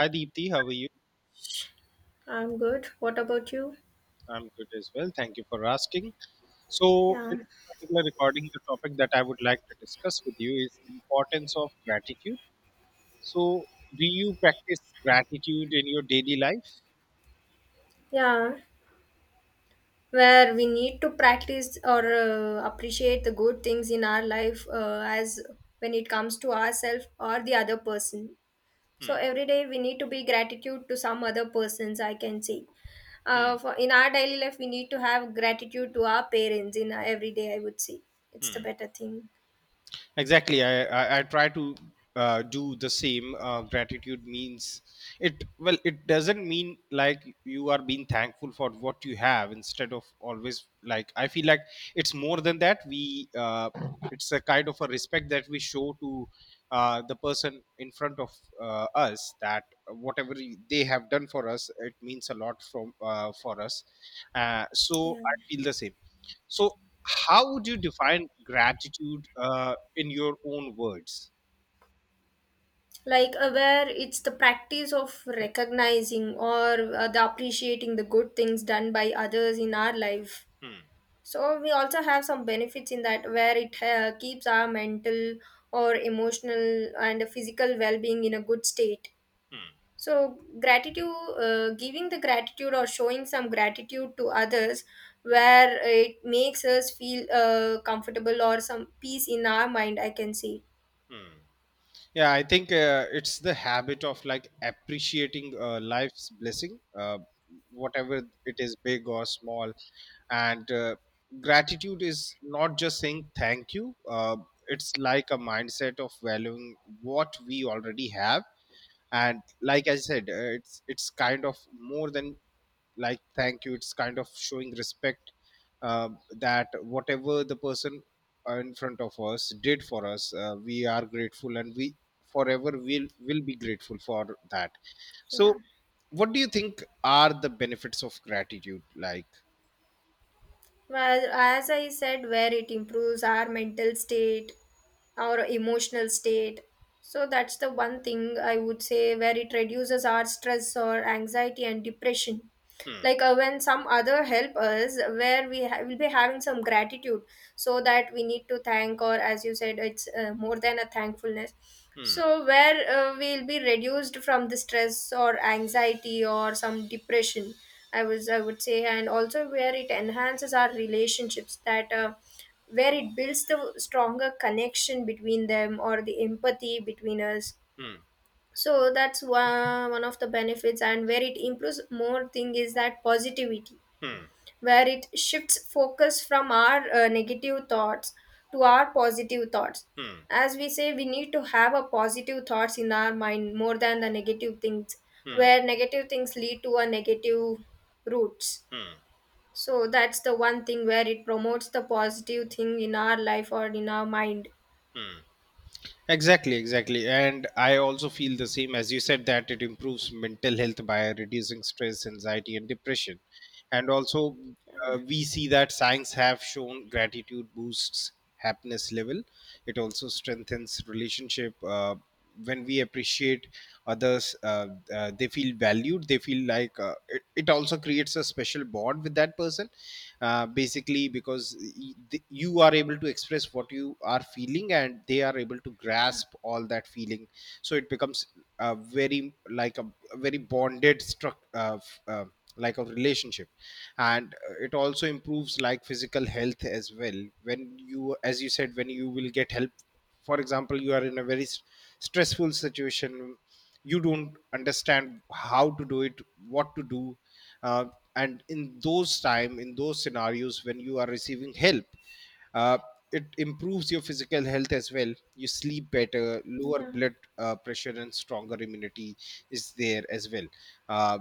Hi Deepthi, how are you? I'm good. What about you? I'm good as well. Thank you for asking. So, Yeah. in this particular recording, the topic that I would like to discuss with you is importance of gratitude. So, do you practice gratitude in your daily life? Yeah. Where we need to practice or appreciate the good things in our life, as when it comes to ourselves or the other person. So Hmm. every day we need to be gratitude to some other persons, I can say. Hmm. For, in our daily life, we need to have gratitude to our parents in our every day, I would say. It's the Hmm. better thing. I try to do the same. Gratitude means it, well, it doesn't mean like you are being thankful for what you have, instead of always, like, I feel like it's more than that. We It's a kind of a respect that we show to the person in front of us, that whatever they have done for us, it means a lot from for us. So Yeah. I feel the same. So how would you define gratitude, in your own words? Like where it's the practice of recognizing or the appreciating the good things done by others in our life. Hmm. So we also have some benefits in that, where it keeps our mental or emotional and physical well-being in a good state. Hmm. So gratitude, giving the gratitude or showing some gratitude to others, Hmm. where it makes us feel comfortable or some peace in our mind, I can say. Hmm. Yeah, I think it's the habit of like appreciating life's blessing, whatever it is, big or small. And gratitude is not just saying thank you, it's like a mindset of valuing what we already have. And like I said, it's kind of more than like thank you, it's kind of showing respect, that whatever the person in front of us did for us, we are grateful, and we forever will be grateful for that. Yeah. So what do you think are the benefits of gratitude, like? Well, as I said, where it improves our mental state, our emotional state. So that's the one thing I would say, where it reduces our stress or anxiety and depression. Hmm. Like when some other help us, where we will be having some gratitude, so that we need to thank, or as you said it's more than a thankfulness. Hmm. So where we'll be reduced from the stress or anxiety or some depression, I would say. And also where it enhances our relationships, that where it builds the stronger connection between them or the empathy between us. Hmm. So that's one of the benefits, and where it improves more thing is that positivity, Hmm. where it shifts focus from our negative thoughts to our positive thoughts. Hmm. As we say, we need to have a positive thoughts in our mind more than the negative things, Hmm. where negative things lead to a negative roots. Hmm. So that's the one thing where it promotes the positive thing in our life or in our mind. Hmm. Exactly, exactly. And I also feel the same as you said, that it improves mental health by reducing stress, anxiety, and depression. And also, we see that science have shown gratitude boosts happiness level. It also strengthens relationship. When we appreciate others, they feel valued, they feel like it also creates a special bond with that person, basically because you are able to express what you are feeling, and they are able to Yeah. grasp all that feeling. So it becomes a very like a, a very like a relationship. And it also improves like physical health as well, when you, as you said, when you will get help. For example, you are in a very stressful situation, you don't understand how to do it, what to do. uh, and in those time, in those scenarios, when you are receiving help, uh, it improves your physical health as well. You sleep better, lower Yeah. blood pressure, and stronger immunity is there as well. uh,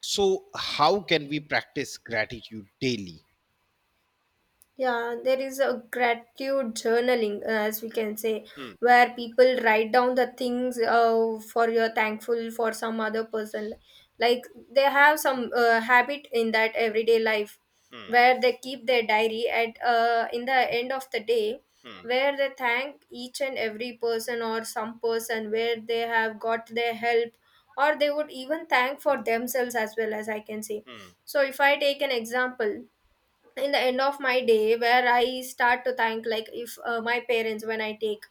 so how can we practice gratitude daily? Yeah, there is a gratitude journaling, as we can say, Hmm. where people write down the things for you're thankful for some other person. Like they have some habit in that everyday life, Hmm. where they keep their diary at in the end of the day, Hmm. where they thank each and every person or some person where they have got their help, or they would even thank for themselves as well, as I can say. Hmm. So if I take an example, in the end of my day, where I start to thank, like if my parents, when I take.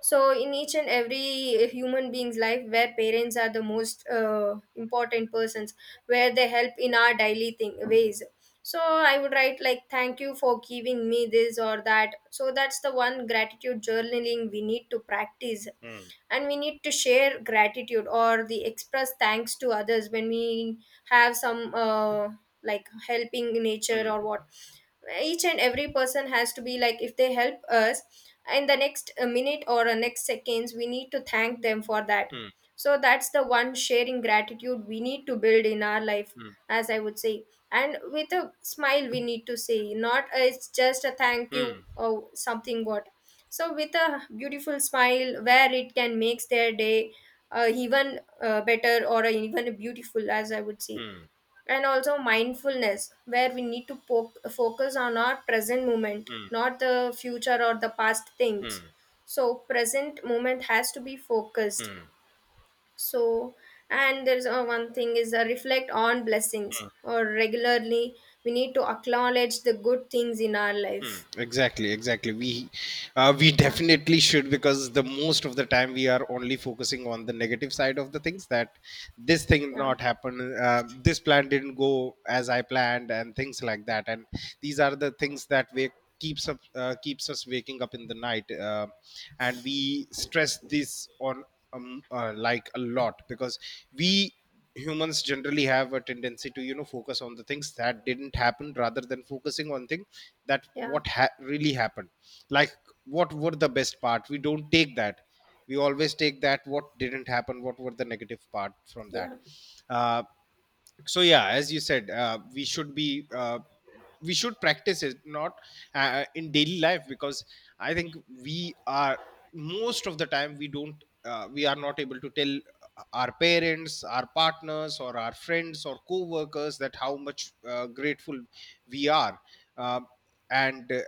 So in each and every human being's life, where parents are the most important persons, where they help in our daily thing ways. So I would write like thank you for giving me this or that, so that's the one gratitude journaling we need to practice. Hmm. And we need to share gratitude or the express thanks to others when we have some like helping nature Hmm. or what. Each and every person has to be, like if they help us, in the next minute or next seconds we need to thank them for that. Hmm. So that's the one sharing gratitude we need to build in our life, Hmm. as I would say. And with a smile we need to say, not it's just a thank you Hmm. or something what. So with a beautiful smile, where it can makes their day even better or even beautiful, as I would say. Hmm. And also mindfulness, where we need to focus on our present moment, 嗯 not the future or the past things. 嗯 So present moment has to be focused. 嗯，So, and there's one thing is, reflect on blessings or regularly, we need to acknowledge the good things in our Hmm, life. Exactly, exactly. We Yeah. definitely should, because the most of the time we are only focusing on the negative side of the things, that this thing Yeah. not happen, this plan didn't go as I planned, and things like that. And these are the things that we keeps up keeps us waking up in the night, and we stress this on, like, a lot, because we humans generally have a tendency to, focus on the things that didn't happen rather than focusing on things that Yeah. what really happened. Like, what were the best part, we don't take that. We always take that, what didn't happen, what were the negative part from that. Yeah. Uh, so yeah, as you said, we should be we should practice it, not in daily life, because I think we are most of the time we don't, we are not able to tell our parents, our partners, or our friends or co-workers, that how much grateful we are. Um, and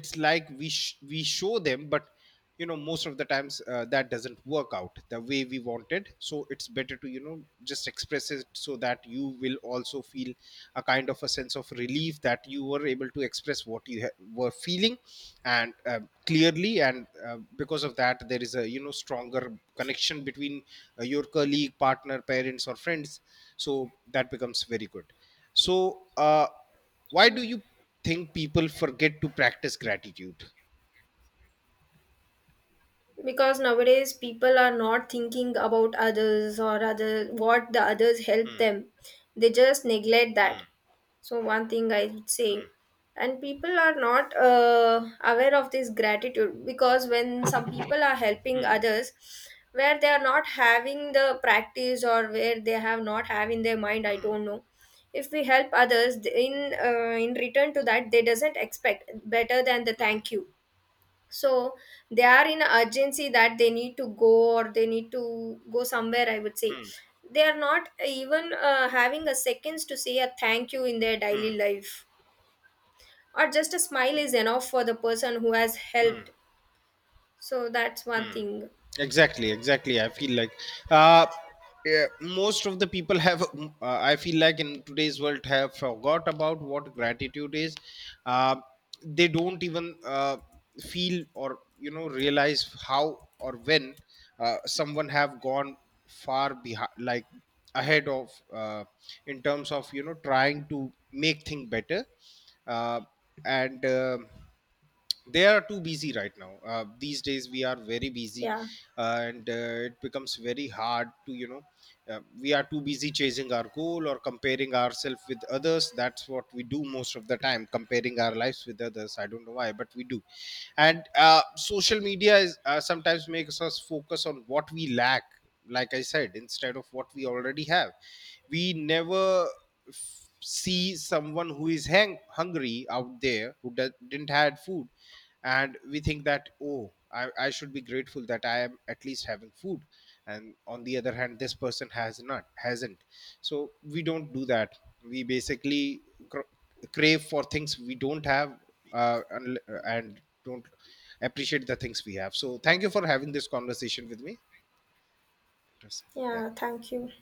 it's like we show them, but you know, most of the times that doesn't work out the way we wanted. So it's better to, you know, just express it, so that you will also feel a kind of a sense of relief, that you were able to express what you were feeling, and clearly. And because of that there is a, you know, stronger connection between your colleague, partner, parents, or friends. So that becomes very good. So why do you think people forget to practice gratitude? Because nowadays people are not thinking about others or other what the others help Hmm. them, they just neglect that. Hmm. So one thing I would say, and people are not aware of this gratitude, because when some people are helping Hmm. others, where they are not having the practice or where they have not have in their mind, I Mm. don't know. If we help others in return to that, they doesn't expect better than the Mm. thank you. So they are in a urgency that they need to go or they need to go somewhere, I would say. Mm. They are not even having a seconds to say a thank you in their Mm. daily life, or just a smile is enough for the person who has helped. So that's one thing. Exactly, exactly. I feel like, uh, yeah, most of the people have, I feel like in today's world, have forgot about what gratitude is. Uh, they don't even feel or, you know, realize how or when someone have gone far behind, like ahead of, in terms of, you know, trying to make things better. Uh, and. They are too busy right now. These days we are very busy. Yeah. And It becomes very hard to, you know, we are too busy chasing our goal or comparing ourselves with others. That's what we do most of the time, comparing our lives with others. I don't know why, but we do. And social media is sometimes makes us focus on what we lack, like I said, instead of what we already have. We never see someone who is hungry out there, who didn't had food, and we think that, oh, I should be grateful that I am at least having food, and on the other hand, this person hasn't. So we don't do that. We basically cr- crave for things we don't have. uh, and, and don't appreciate the things we have. So thank you for having this conversation with me. It was, Yeah, yeah. thank you.